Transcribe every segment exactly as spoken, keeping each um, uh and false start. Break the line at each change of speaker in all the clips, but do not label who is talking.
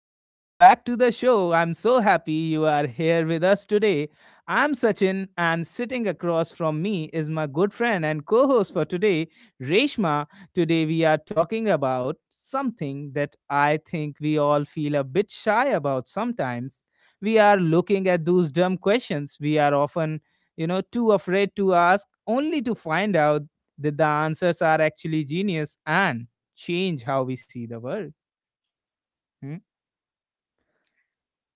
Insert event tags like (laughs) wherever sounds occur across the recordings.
Welcome back to the show. I'm so happy you are here with us today. I'm Sachin, and sitting across from me is my good friend and co host for today, Reshma. Today, we are talking about something that I think we all feel a bit shy about sometimes. We are looking at those dumb questions we are often, you know, too afraid to ask, only to find out that the answers are actually genius and change how we see the world. Hmm?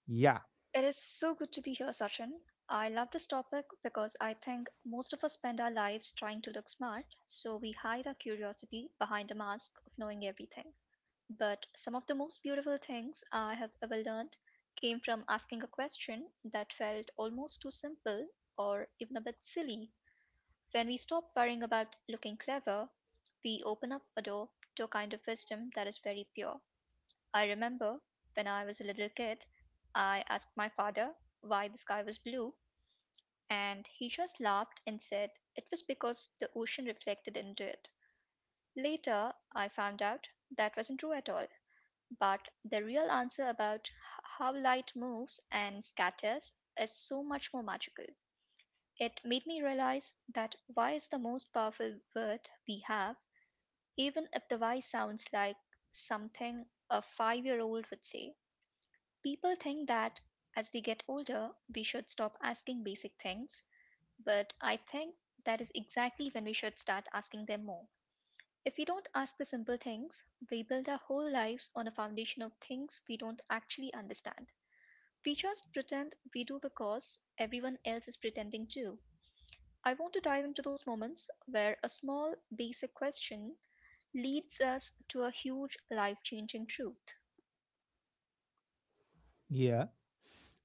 Yeah,
It is so good to be here, Sachin. I love this topic because I think most of us spend our lives trying to look smart, so we hide our curiosity behind a mask of knowing everything. But some of the most beautiful things I have ever learned came from asking a question that felt almost too simple or even a bit silly. When we stop worrying about looking clever, we open up a door to a kind of wisdom that is very pure. I remember when I was a little kid, I asked my father why the sky was blue, and he just laughed and said it was because the ocean reflected into it. Later, I found out that wasn't true at all, but the real answer about h- how light moves and scatters is so much more magical. It made me realize that why is the most powerful word we have, even if the why sounds like something a five year old would say. People think that as we get older, we should stop asking basic things, but I think that is exactly when we should start asking them more. If we don't ask the simple things, we build our whole lives on a foundation of things we don't actually understand. We just pretend we do because everyone else is pretending too. I want to dive into those moments where a small, basic question leads us to a huge, life changing truth.
yeah,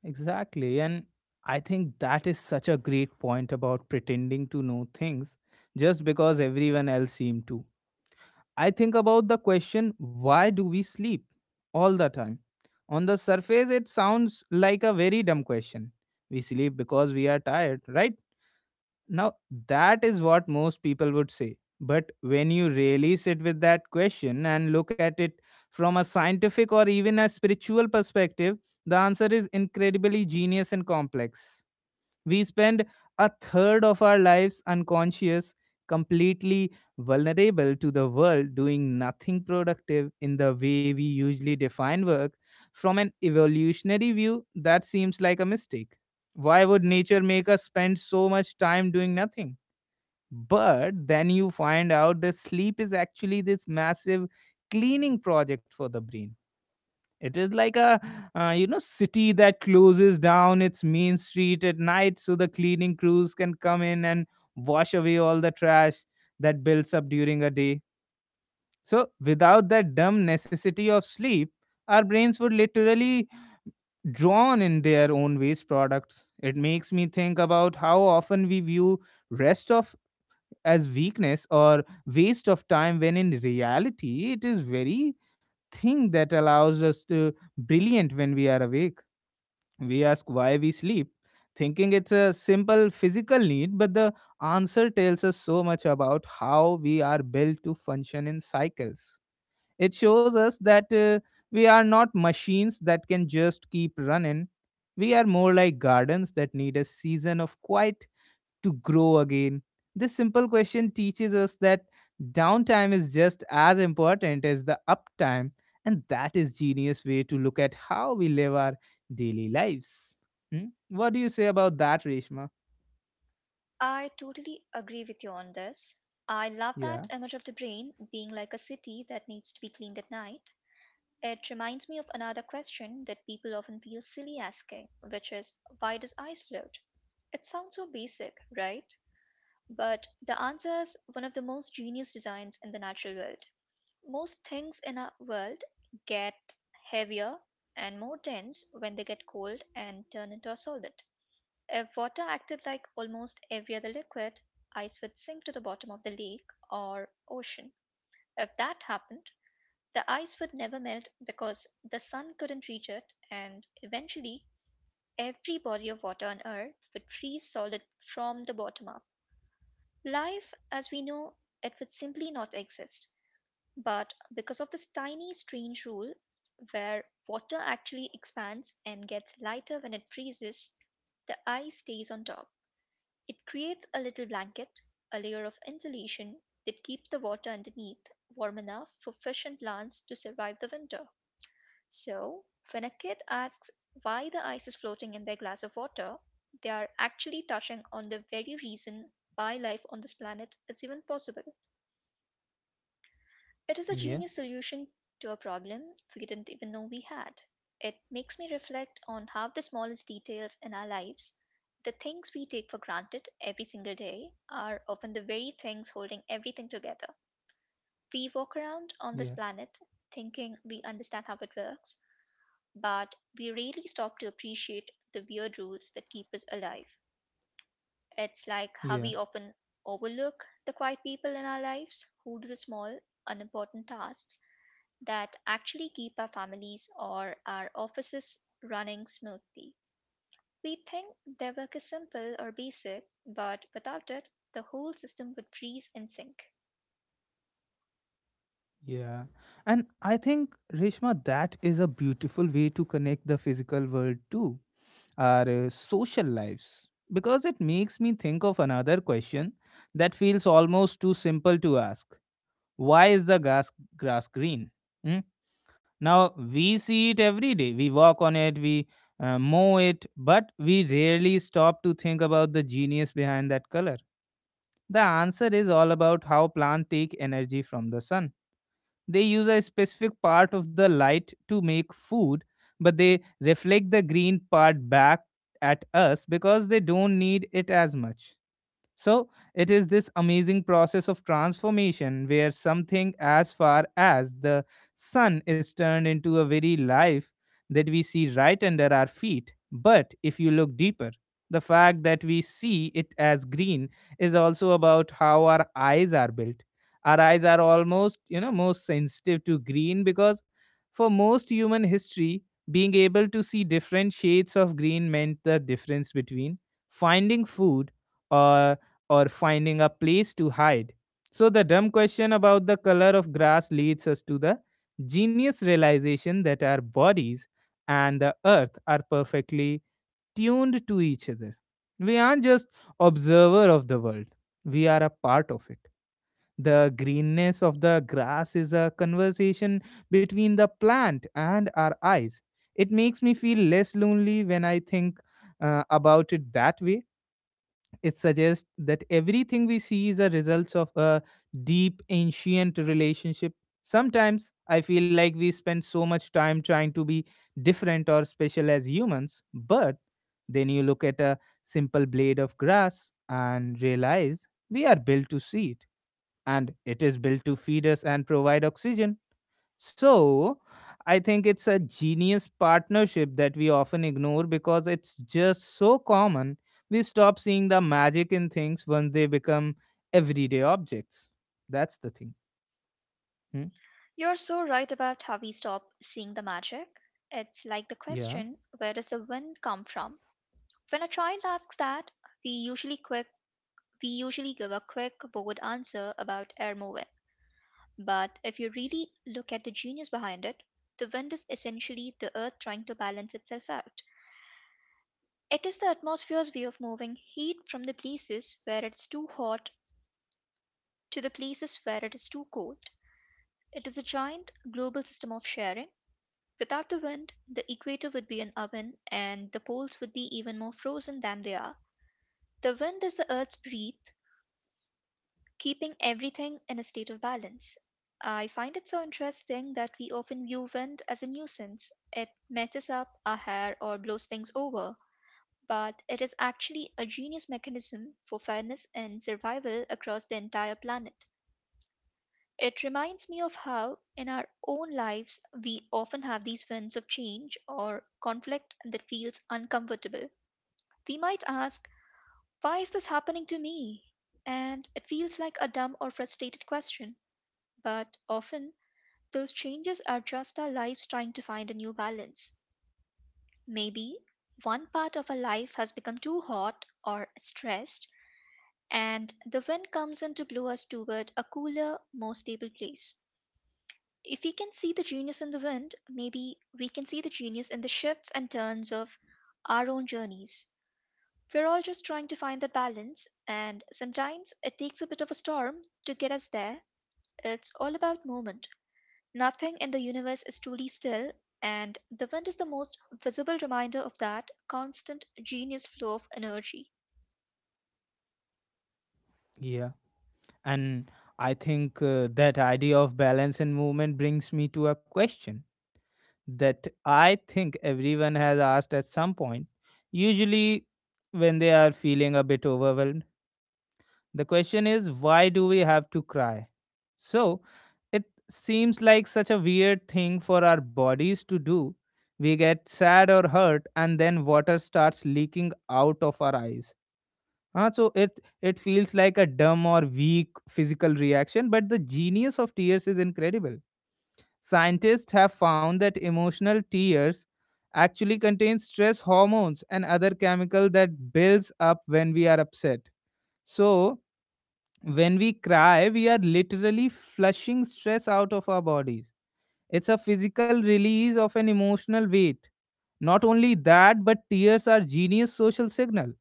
exactly. And I think that is such a great point about pretending to know things just because everyone else seemed to. I think about the question, why do we sleep all the time? On the surface, it sounds like a very dumb question. We sleep because we are tired, right? Now, that is what most people would say. But when you really sit with that question and look at it from a scientific or even a spiritual perspective, the answer is incredibly genius and complex. We spend a third of our lives unconscious, completely vulnerable to the world, doing nothing productive in the way we usually define work. From an evolutionary view, that seems like a mistake. Why would nature make us spend so much time doing nothing? But then you find out that sleep is actually this massive cleaning project for the brain. It is like a uh, you know city that closes down its main street at night so the cleaning crews can come in and wash away all the trash that builds up during a day. So without that dumb necessity of sleep, our brains would literally drown in their own waste products. It makes me think about how often we view rest of as weakness or waste of time when in reality it is very thing that allows us to brilliant when we are awake. We ask why we sleep, thinking it's a simple physical need, but the answer tells us so much about how we are built to function in cycles. It shows us that uh, we are not machines that can just keep running. We are more like gardens that need a season of quiet to grow again. This simple question teaches us that downtime is just as important as the uptime, and that is genius way to look at how we live our daily lives. Hmm? What do you say about that, Reshma?
I totally agree with you on this. I love
Yeah,
that image of the brain being like a city that needs to be cleaned at night. It reminds me of another question that people often feel silly asking, which is, why does ice float? It sounds so basic, right? But the answer is one of the most genius designs in the natural world. Most things in our world get heavier and more dense when they get cold and turn into a solid. If water acted like almost every other liquid, ice would sink to the bottom of the lake or ocean. If that happened, the ice would never melt because the sun couldn't reach it, and eventually, every body of water on Earth would freeze solid from the bottom up. Life as we know it would simply not exist. But because of this tiny, strange rule where water actually expands and gets lighter when it freezes, the ice stays on top. It creates a little blanket, a layer of insulation that keeps the water underneath warm enough for fish and plants to survive the winter. So, when a kid asks why the ice is floating in their glass of water, they are actually touching on the very reason why life on this planet is even possible. It is a
yeah,
genius solution to a problem we didn't even know we had. It makes me reflect on how the smallest details in our lives, the things we take for granted every single day, are often the very things holding everything together. We walk around on this
yeah,
planet thinking we understand how it works, but we rarely stop to appreciate the weird rules that keep us alive. It's like how
yeah,
we often overlook the quiet people in our lives who do the small, unimportant tasks that actually keep our families or our offices running smoothly. We think their work is simple or basic, but without it, the whole system would freeze and sink.
yeah. And I think, Reshma, that is a beautiful way to connect the physical world to our uh, social lives, because it makes me think of another question that feels almost too simple to ask. Why is the grass grass green? Hmm? Now we see it every day. We walk on it, we uh, mow it, but we rarely stop to think about the genius behind that color. The answer is all about how plants take energy from the sun. They use a specific part of the light to make food, but they reflect the green part back at us because they don't need it as much. So, it is this amazing process of transformation where something as far as the sun is turned into a very life that we see right under our feet. But if you look deeper, the fact that we see it as green is also about how our eyes are built. Our eyes are almost, you know, most sensitive to green because for most human history, being able to see different shades of green meant the difference between finding food or or finding a place to hide. So, the dumb question about the color of grass leads us to the genius realization that our bodies and the earth are perfectly tuned to each other. We aren't just observer of the world, we are a part of it. The greenness of the grass is a conversation between the plant and our eyes. It makes me feel less lonely when I think uh, about it that way. It suggests that everything we see is a result of a deep, ancient relationship. Sometimes I feel like we spend so much time trying to be different or special as humans, but then you look at a simple blade of grass and realize we are built to see it, and it is built to feed us and provide oxygen. So, I think it's a genius partnership that we often ignore because it's just so common. We stop seeing the magic in things when they become everyday objects. That's the thing. Hmm?
You're so right about how we stop seeing the magic. It's like the
Yeah,
question, where does the wind come from? When a child asks that, we usually quick we usually give a quick bored answer about air moving. But if you really look at the genius behind it, the wind is essentially the earth trying to balance itself out. It is the atmosphere's way of moving heat from the places where it is too hot to the places where it is too cold. It is a giant global system of sharing. Without the wind, the equator would be an oven and the poles would be even more frozen than they are. The wind is the Earth's breath, keeping everything in a state of balance. I find it so interesting that we often view wind as a nuisance. It messes up our hair or blows things over, but it is actually a genius mechanism for fairness and survival across the entire planet. It reminds me of how, in our own lives, we often have these winds of change or conflict that feels uncomfortable. We might ask, why is this happening to me? And it feels like a dumb or frustrated question, but often those changes are just our lives trying to find a new balance. Maybe one part of our life has become too hot or stressed, and the wind comes in to blow us toward a cooler, more stable place. If we can see the genius in the wind, maybe we can see the genius in the shifts and turns of our own journeys. We're all just trying to find that balance, and sometimes it takes a bit of a storm to get us there. It's all about movement. Nothing in the universe is truly still, and the wind is the most visible reminder of that constant genius flow of energy.
yeah. And I think uh, that idea of balance and movement brings me to a question that I think everyone has asked at some point, usually when they are feeling a bit overwhelmed. The question is, why do we have to cry? So, it seems like such a weird thing for our bodies to do. We get sad or hurt, and then water starts leaking out of our eyes. Ah, so it it feels like a dumb or weak physical reaction, but the genius of tears is incredible. Scientists have found that emotional tears actually contain stress hormones and other chemical that builds up when we are upset. So when we cry, we are literally flushing stress out of our bodies. It's a physical release of an emotional weight. Not only that, but tears are genius social signal.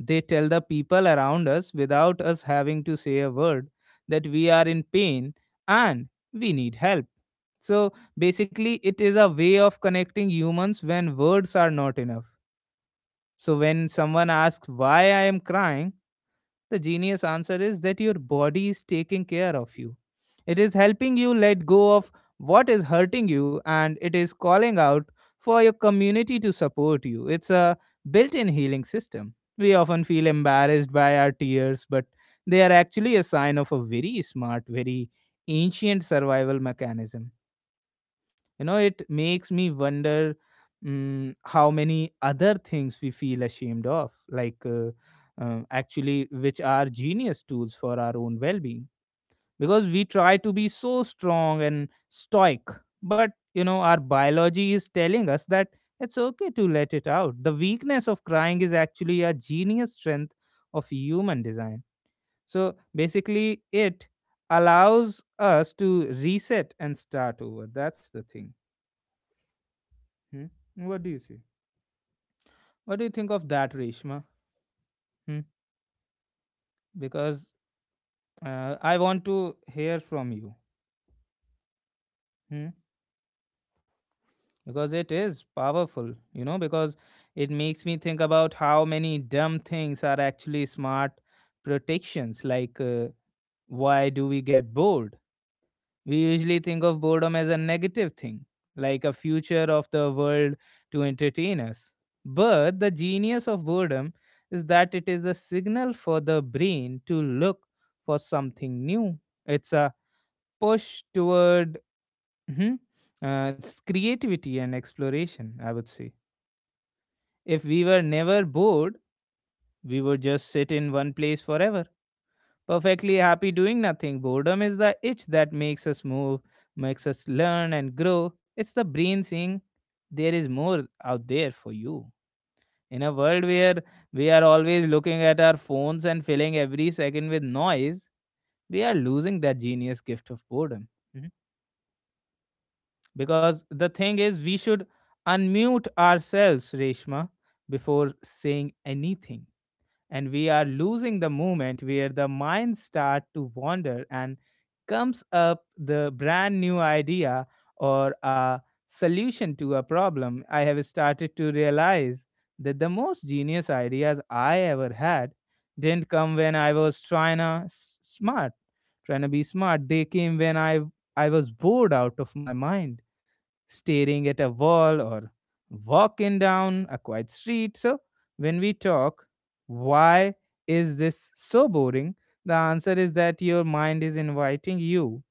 They tell the people around us, without us having to say a word, that we are in pain and we need help. So basically, it is a way of connecting humans when words are not enough. So when someone asks why I am crying, the genius answer is that your body is taking care of you. It is helping you let go of what is hurting you, and it is calling out for your community to support you. It's a built in healing system. We often feel embarrassed by our tears, but they are actually a sign of a very smart, very ancient survival mechanism. You know it makes me wonder, mm, how many other things we feel ashamed of, like uh, um, actually, which are genius tools for our own well-being, because we try to be so strong and stoic, but you know our biology is telling us that it's okay to let it out. The weakness of crying is actually a genius strength of human design. So basically it allows us to reset and start over. That's the thing. Hmm? What do you see? What do you think of that, Reshma? Hmm? Because uh, I want to hear from you. Hmm? Because it is powerful, you know, because it makes me think about how many dumb things are actually smart protections. Like, uh, why do we get bored? We usually think of boredom as a negative thing, like a future of the world to entertain us. But the genius of boredom is that it is a signal for the brain to look for something new. It's a push toward mhm, uh, it's creativity and exploration, I would say. If we were never bored, we would just sit in one place forever, perfectly happy doing nothing. Boredom is the itch that makes us move, makes us learn and grow. It's the brain saying there is more out there for you. In a world where we are always looking at our phones and filling every second with noise, we are losing that genius gift of boredom. Mhm. Because the thing is, we should unmute ourselves, Reshma, before saying anything, and we are losing the moment where the mind start to wander and comes up the brand new idea or a solution to a problem. I have started to realize that the most genius ideas I ever had didn't come when I was trying to s- smart trying to be smart. They came when i i was bored out of my mind, staring at a wall or walking down a quiet street. So, when we talk, why is this so boring? The answer is that your mind is inviting you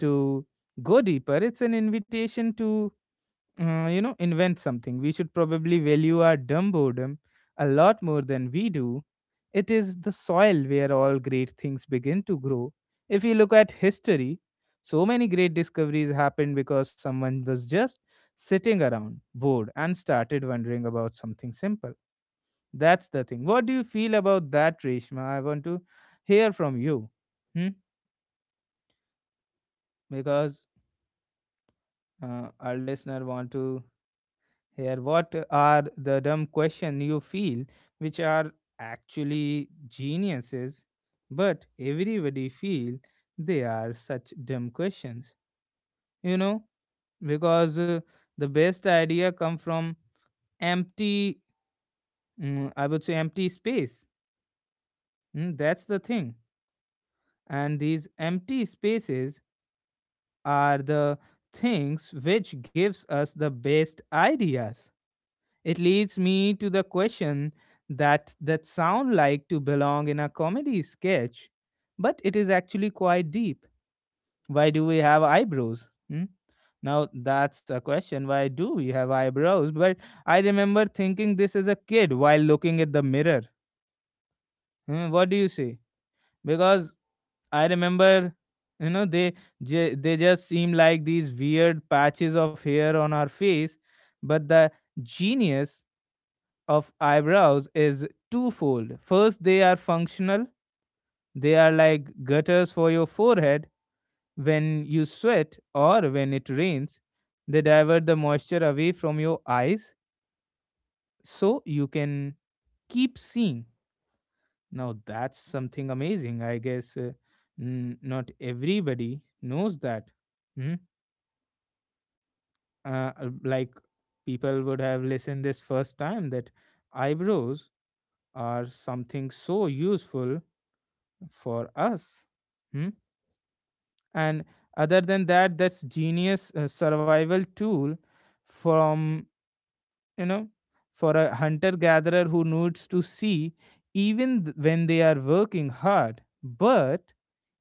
to go deeper. It's an invitation to uh, you know, invent something. We should probably value our dumb boredom a lot more than we do. It is the soil where all great things begin to grow. If you look at history, so many great discoveries happened because someone was just sitting around, bored, and started wondering about something simple. That's the thing. What do you feel about that, Reshma? I want to hear from you. Hmm? Because uh, Our listener want to here what are the dumb question you feel which are actually geniuses, but everybody feel they are such dumb questions you know because uh, The best idea come from empty mm, I would say empty space. Mm, that's the thing, and these empty spaces are the things which gives us the best ideas. It leads me to the question that that sound like to belong in a comedy sketch, but it is actually quite deep. Why do we have eyebrows? Hmm? Now that's a question. Why do we have eyebrows? But I remember thinking this as a kid while looking at the mirror. Hmm, what do you say? Because I remember, you know, they ju- they just seem like these weird patches of hair on our face, but the genius of eyebrows is twofold. First, they are functional, they are like gutters for your forehead when you sweat or when it rains. They divert the moisture away from your eyes so you can keep seeing. Now, that's something amazing. I guess, uh, n- not everybody knows that. Hmm? Uh, uh, like, people would have listened this first time that eyebrows are something so useful for us. Hmm? And other than that, that's genius uh, survival tool from, you know, for a hunter gatherer who needs to see even th- when they are working hard. But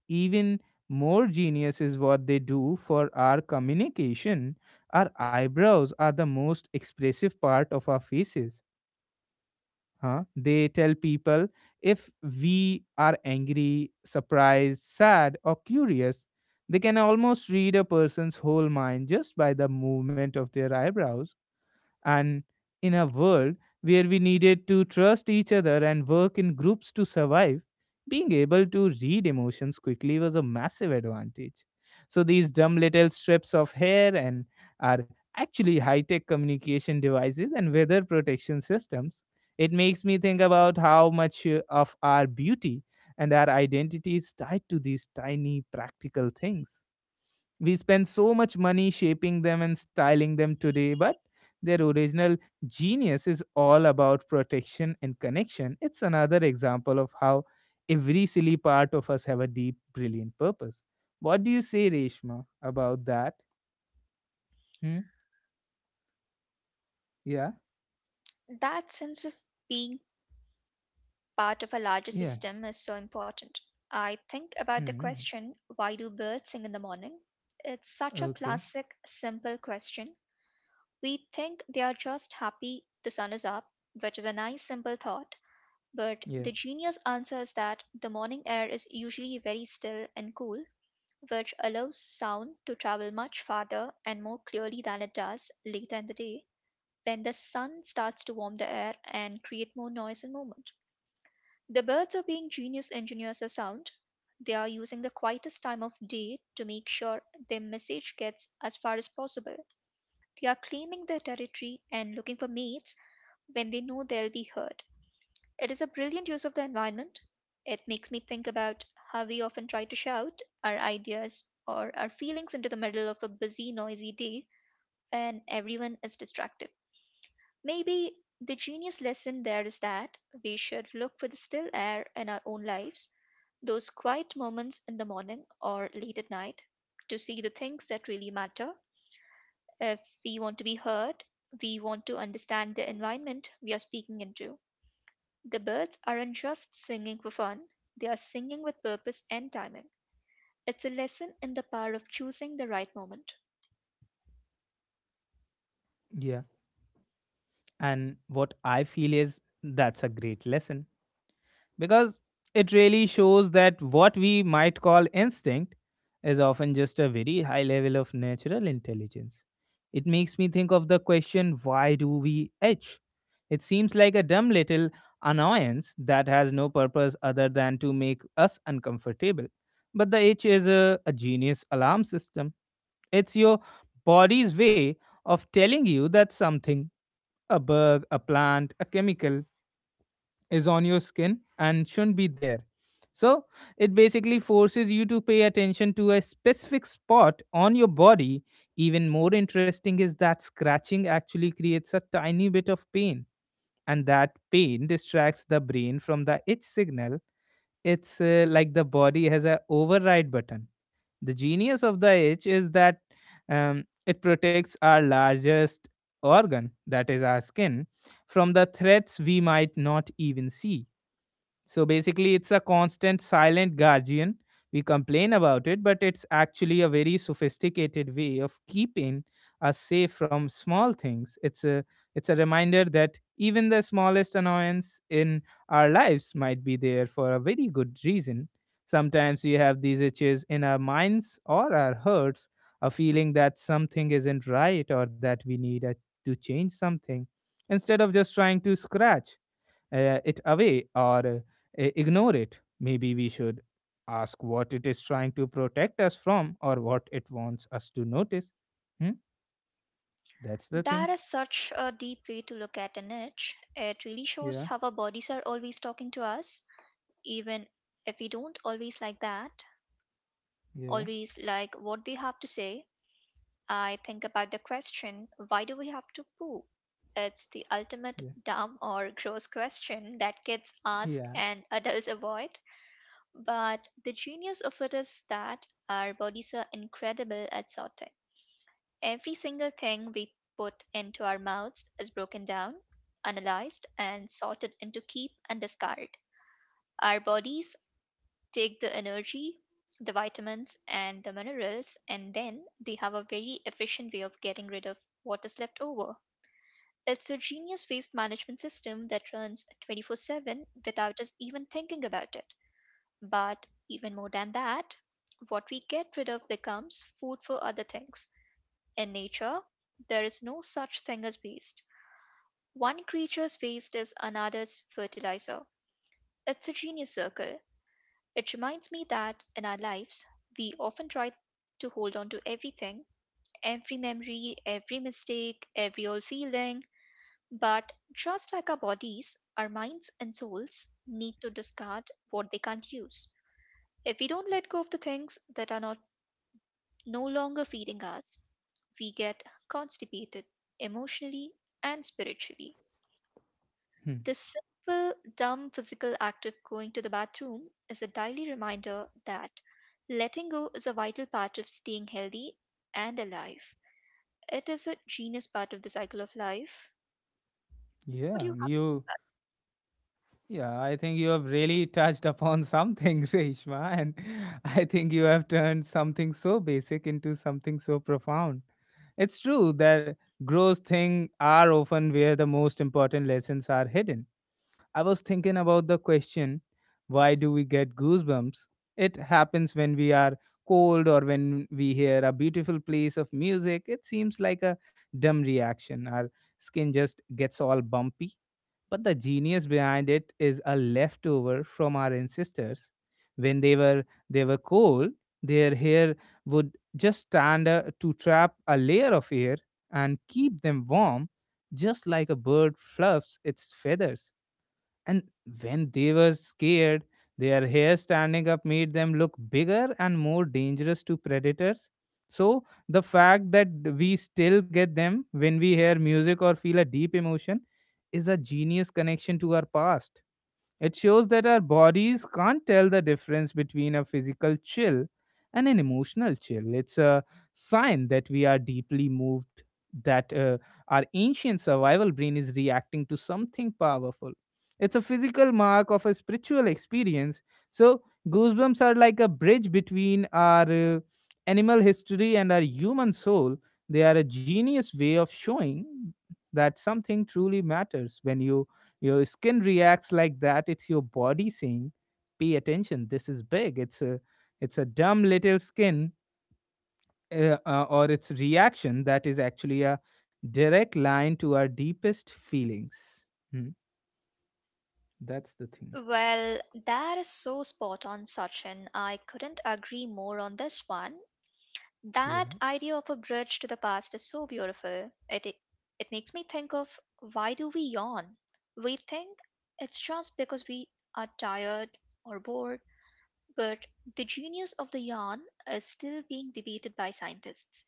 even more genius is what they do for our communication. Our eyebrows are the most expressive part of our faces. Huh? They tell people if we are angry, surprised, sad, or curious. They can almost read a person's whole mind just by the movement of their eyebrows. And in a world where we needed to trust each other and work in groups to survive, being able to read emotions quickly was a massive advantage. So these dumb little strips of hair and are actually high-tech communication devices and weather protection systems. It makes me think about how much uh, of our beauty and our identity is tied to these tiny practical things. We spend so much money shaping them and styling them today, but their original genius is all about protection and connection. It's another example of how every silly part of us have a deep, brilliant purpose. What do you say, Reshma, about that? Hmm? Yeah,
That sense of being part of a larger
yeah.
system is so important. I think about the
Hmm.
question, why do birds sing in the morning? It's such a
Okay.
classic, simple question. We think they are just happy the sun is up, which is a nice, simple thought. But
Yeah,
the genius answer is that the morning air is usually very still and cool, which allows sound to travel much farther and more clearly than it does later in the day when the sun starts to warm the air and create more noise and movement. The birds are being genius engineers of sound. They are using the quietest time of day to make sure their message gets as far as possible. They are claiming their territory and looking for mates when they know they'll be heard. It is a brilliant use of the environment. It makes me think about how we often try to shout our ideas or our feelings into the middle of a busy, noisy day when everyone is distracted. Maybe the genius lesson there is that we should look for the still air in our own lives, those quiet moments in the morning or late at night, to see the things that really matter. If we want to be heard, we want to understand the environment we are speaking into. The birds aren't just singing for fun, they are singing with purpose and timing. It's a lesson in the power of choosing the right moment.
yeah. And what I feel is that's a great lesson, because it really shows that what we might call instinct is often just a very high level of natural intelligence. It makes me think of the question, why do we itch? It seems like a dumb little annoyance that has no purpose other than to make us uncomfortable. But the itch is a, a genius alarm system. It's your body's way of telling you that something, a bug, a plant, a chemical, is on your skin and shouldn't be there. So it basically forces you to pay attention to a specific spot on your body. Even more interesting is that scratching actually creates a tiny bit of pain, and that pain distracts the brain from the itch signal. It's, uh, like the body has a override button. The genius of the itch is that, um, it protects our largest organ, that is our skin, from the threats we might not even see. So basically, it's a constant silent guardian. We complain about it, but it's actually a very sophisticated way of keeping us safe from small things. It's a it's a reminder that even the smallest annoyance in our lives might be there for a very good reason. Sometimes we have these itches in our minds or our hearts, a feeling that something isn't right or that we need a, to change something, instead of just trying to scratch uh, it away or uh, ignore it. Maybe we should ask what it is trying to protect us from or what it wants us to notice. Hmm? That's the thing.
That is such a deep way to look at an itch. It really
Yeah,
shows how our bodies are always talking to us, even if we don't always like that,
yeah,
always like what they have to say. I think about the question, why do we have to poo? It's the ultimate
yeah,
dumb or gross question that kids ask
yeah.
and adults avoid. But the genius of it is that our bodies are incredible at sorting. Every single thing we put into our mouths is broken down, analyzed, and sorted into keep and discard. Our bodies take the energy, the vitamins, and the minerals, and then they have a very efficient way of getting rid of what is left over. It's a genius waste management system that runs twenty-four seven without us even thinking about it. But even more than that, what we get rid of becomes food for other things. In nature, there is no such thing as waste. One creature's waste is another's fertilizer. It's a genius circle. It reminds me that in our lives, we often try to hold on to everything, every memory, every mistake, every old feeling. But just like our bodies, our minds and souls need to discard what they can't use. If we don't let go of the things that are not no longer feeding us, we get constipated emotionally and spiritually.
Hmm.
The simple, dumb physical act of going to the bathroom is a daily reminder that letting go is a vital part of staying healthy and alive. It is a genius part of the cycle of life. What
Yeah,
do you have
you. Yeah, I think you have really touched upon something, (laughs) Reshma, and I think you have turned something so basic into something so profound. It's true that gross things are often where the most important lessons are hidden. I was thinking about the question, why do we get goosebumps? It happens when we are cold or when we hear a beautiful piece of music. It seems like a dumb reaction. Our skin just gets all bumpy. But the genius behind it is a leftover from our ancestors. When they were they were cold, their hair would just stand uh, to trap a layer of air and keep them warm, just like a bird fluffs its feathers. And when they were scared, their hair standing up made them look bigger and more dangerous to predators. So, the fact that we still get them when we hear music or feel a deep emotion is a genius connection to our past. It shows that our bodies can't tell the difference between a physical chill and an emotional chill. It's a sign that we are deeply moved, that uh, our ancient survival brain is reacting to something powerful. It's a physical mark of a spiritual experience. So, goosebumps are like a bridge between our uh, animal history and our human soul. They are a genius way of showing that something truly matters when you your skin reacts like that. It's your body saying, "Pay attention. This is big." It's a it's a dumb little skin, uh, uh, or its reaction that is actually a direct line to our deepest feelings. Hmm, that's the
to say
thing.
about that? Well, that is so spot on, Sachin. I couldn't agree more on this one. That
Yeah,
idea of a bridge to the past is so beautiful. It it makes me think of, why do we yawn? We think it's just because we are tired or bored, but the genius of the yawn is still being debated by scientists.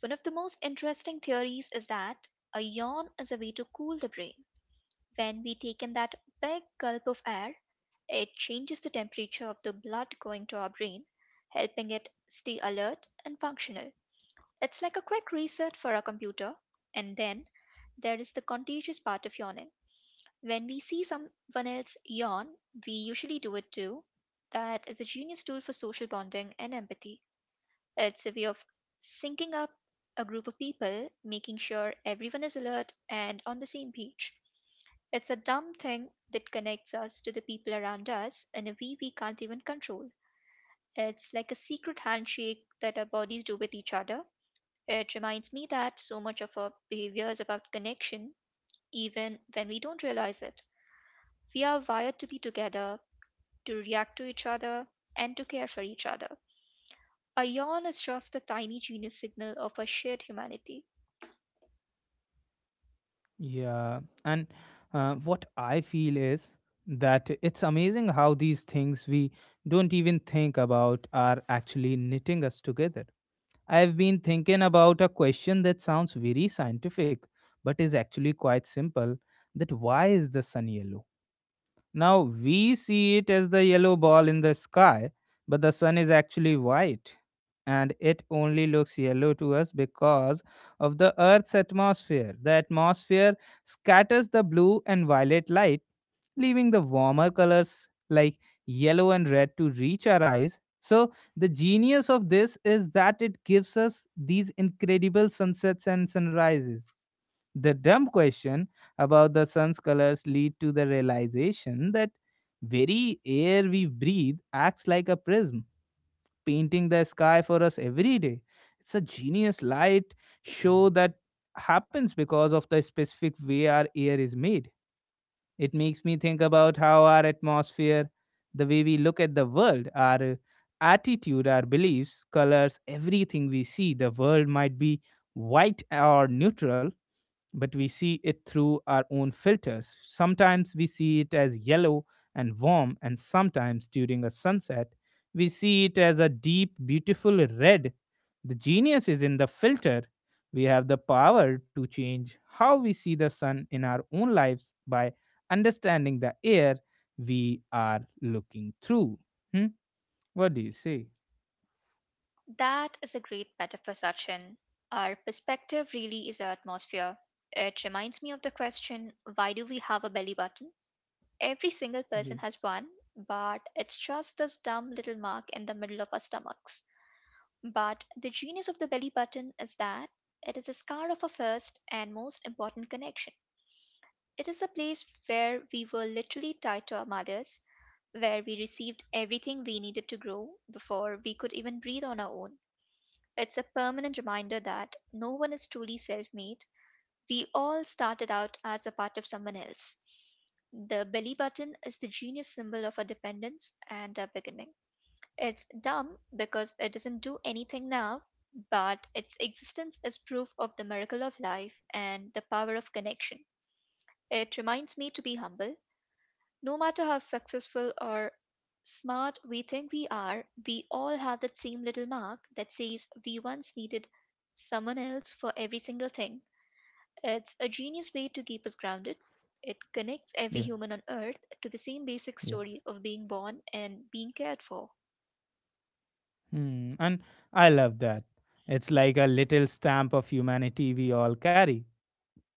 One of the most interesting theories is that a yawn is a way to cool the brain. When we take in that big gulp of air, it changes the temperature of the blood going to our brain, helping it stay alert and functional. It's like a quick reset for our computer. And then there is the contagious part of yawning. When we see someone else yawn, we usually do it too. That is a genius tool for social bonding and empathy. It's a way of syncing up a group of people, making sure everyone is alert and on the same page. It's a dumb thing that connects us to the people around us in a way we can't even control. It's like a secret handshake that our bodies do with each other. It reminds me that so much of our behavior is about connection, even when we don't realize it. We are wired to be together, to react to each other, and to care for each other. A yawn is just a tiny genius signal of our shared humanity.
yeah. And, uh, what I feel is that it's amazing how these things we don't even think about are actually knitting us together. I've been thinking about a question that sounds very scientific, but is actually quite simple, that why is the sun yellow? Now we see it as the yellow ball in the sky, but the sun is actually white. And it only looks yellow to us because of the Earth's atmosphere. The atmosphere scatters the blue and violet light, leaving the warmer colors like yellow and red to reach our eyes. So, the genius of this is that it gives us these incredible sunsets and sunrises. The dumb question about the sun's colors lead to the realization that very air we breathe acts like a prism, painting the sky for us every day. It's a genius light show that happens because of the specific way our air is made. It makes me think about how our atmosphere, the way we look at the world, our attitude, our beliefs, colors, everything we see. The world might be white or neutral, but we see it through our own filters. Sometimes we see it as yellow and warm, and sometimes during a sunset, we see it as a deep, beautiful red. The genius is in the filter. We have the power to change how we see the sun in our own lives by understanding the air we are looking through. Hmm? What do you say?
That is a great metaphor, Sachin. Our perspective really is our atmosphere. It reminds me of the question, why do we have a belly button? Every single
Yeah,
person has one, but it's just this dumb little mark in the middle of our stomachs. But the genius of the belly button is that it is the scar of our first and most important connection. It is the place where we were literally tied to our mothers, where we received everything we needed to grow before we could even breathe on our own. It's a permanent reminder that no one is truly self made. We all started out as a part of someone else. The belly button is the genius symbol of our dependence and our beginning. It's dumb because it doesn't do anything now, but its existence is proof of the miracle of life and the power of connection. It reminds me to be humble. No matter how successful or smart we think we are, we all have that same little mark that says we once needed someone else for every single thing. It's a genius way to keep us grounded. It connects every
yeah,
human on earth to the same basic
yeah.
story of being born and being cared for.
Hmm. And I love that. It's like a little stamp of humanity we all carry.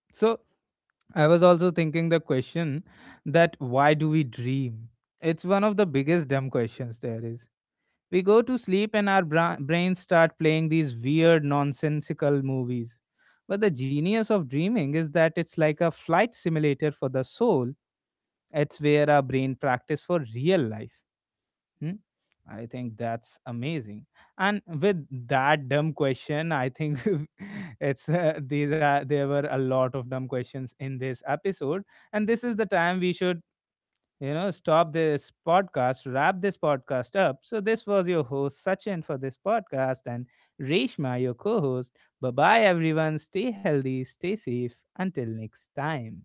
So I was also thinking the question, that why do we dream? It's one of the biggest dumb questions there is. We go to sleep and our bra- brains start playing these weird, nonsensical movies. But the genius of dreaming is that it's like a flight simulator for the soul. It's where our brain practice for real life. Hmm? I think that's amazing. And with that dumb question, I think, (laughs) it's uh, these are there were a lot of dumb questions in this episode, and this is the time we should, you know, stop this podcast, wrap this podcast up. So this was your host Sachin for this podcast, and Reshma your co-host. Bye bye, everyone. Stay healthy, stay safe, until next time.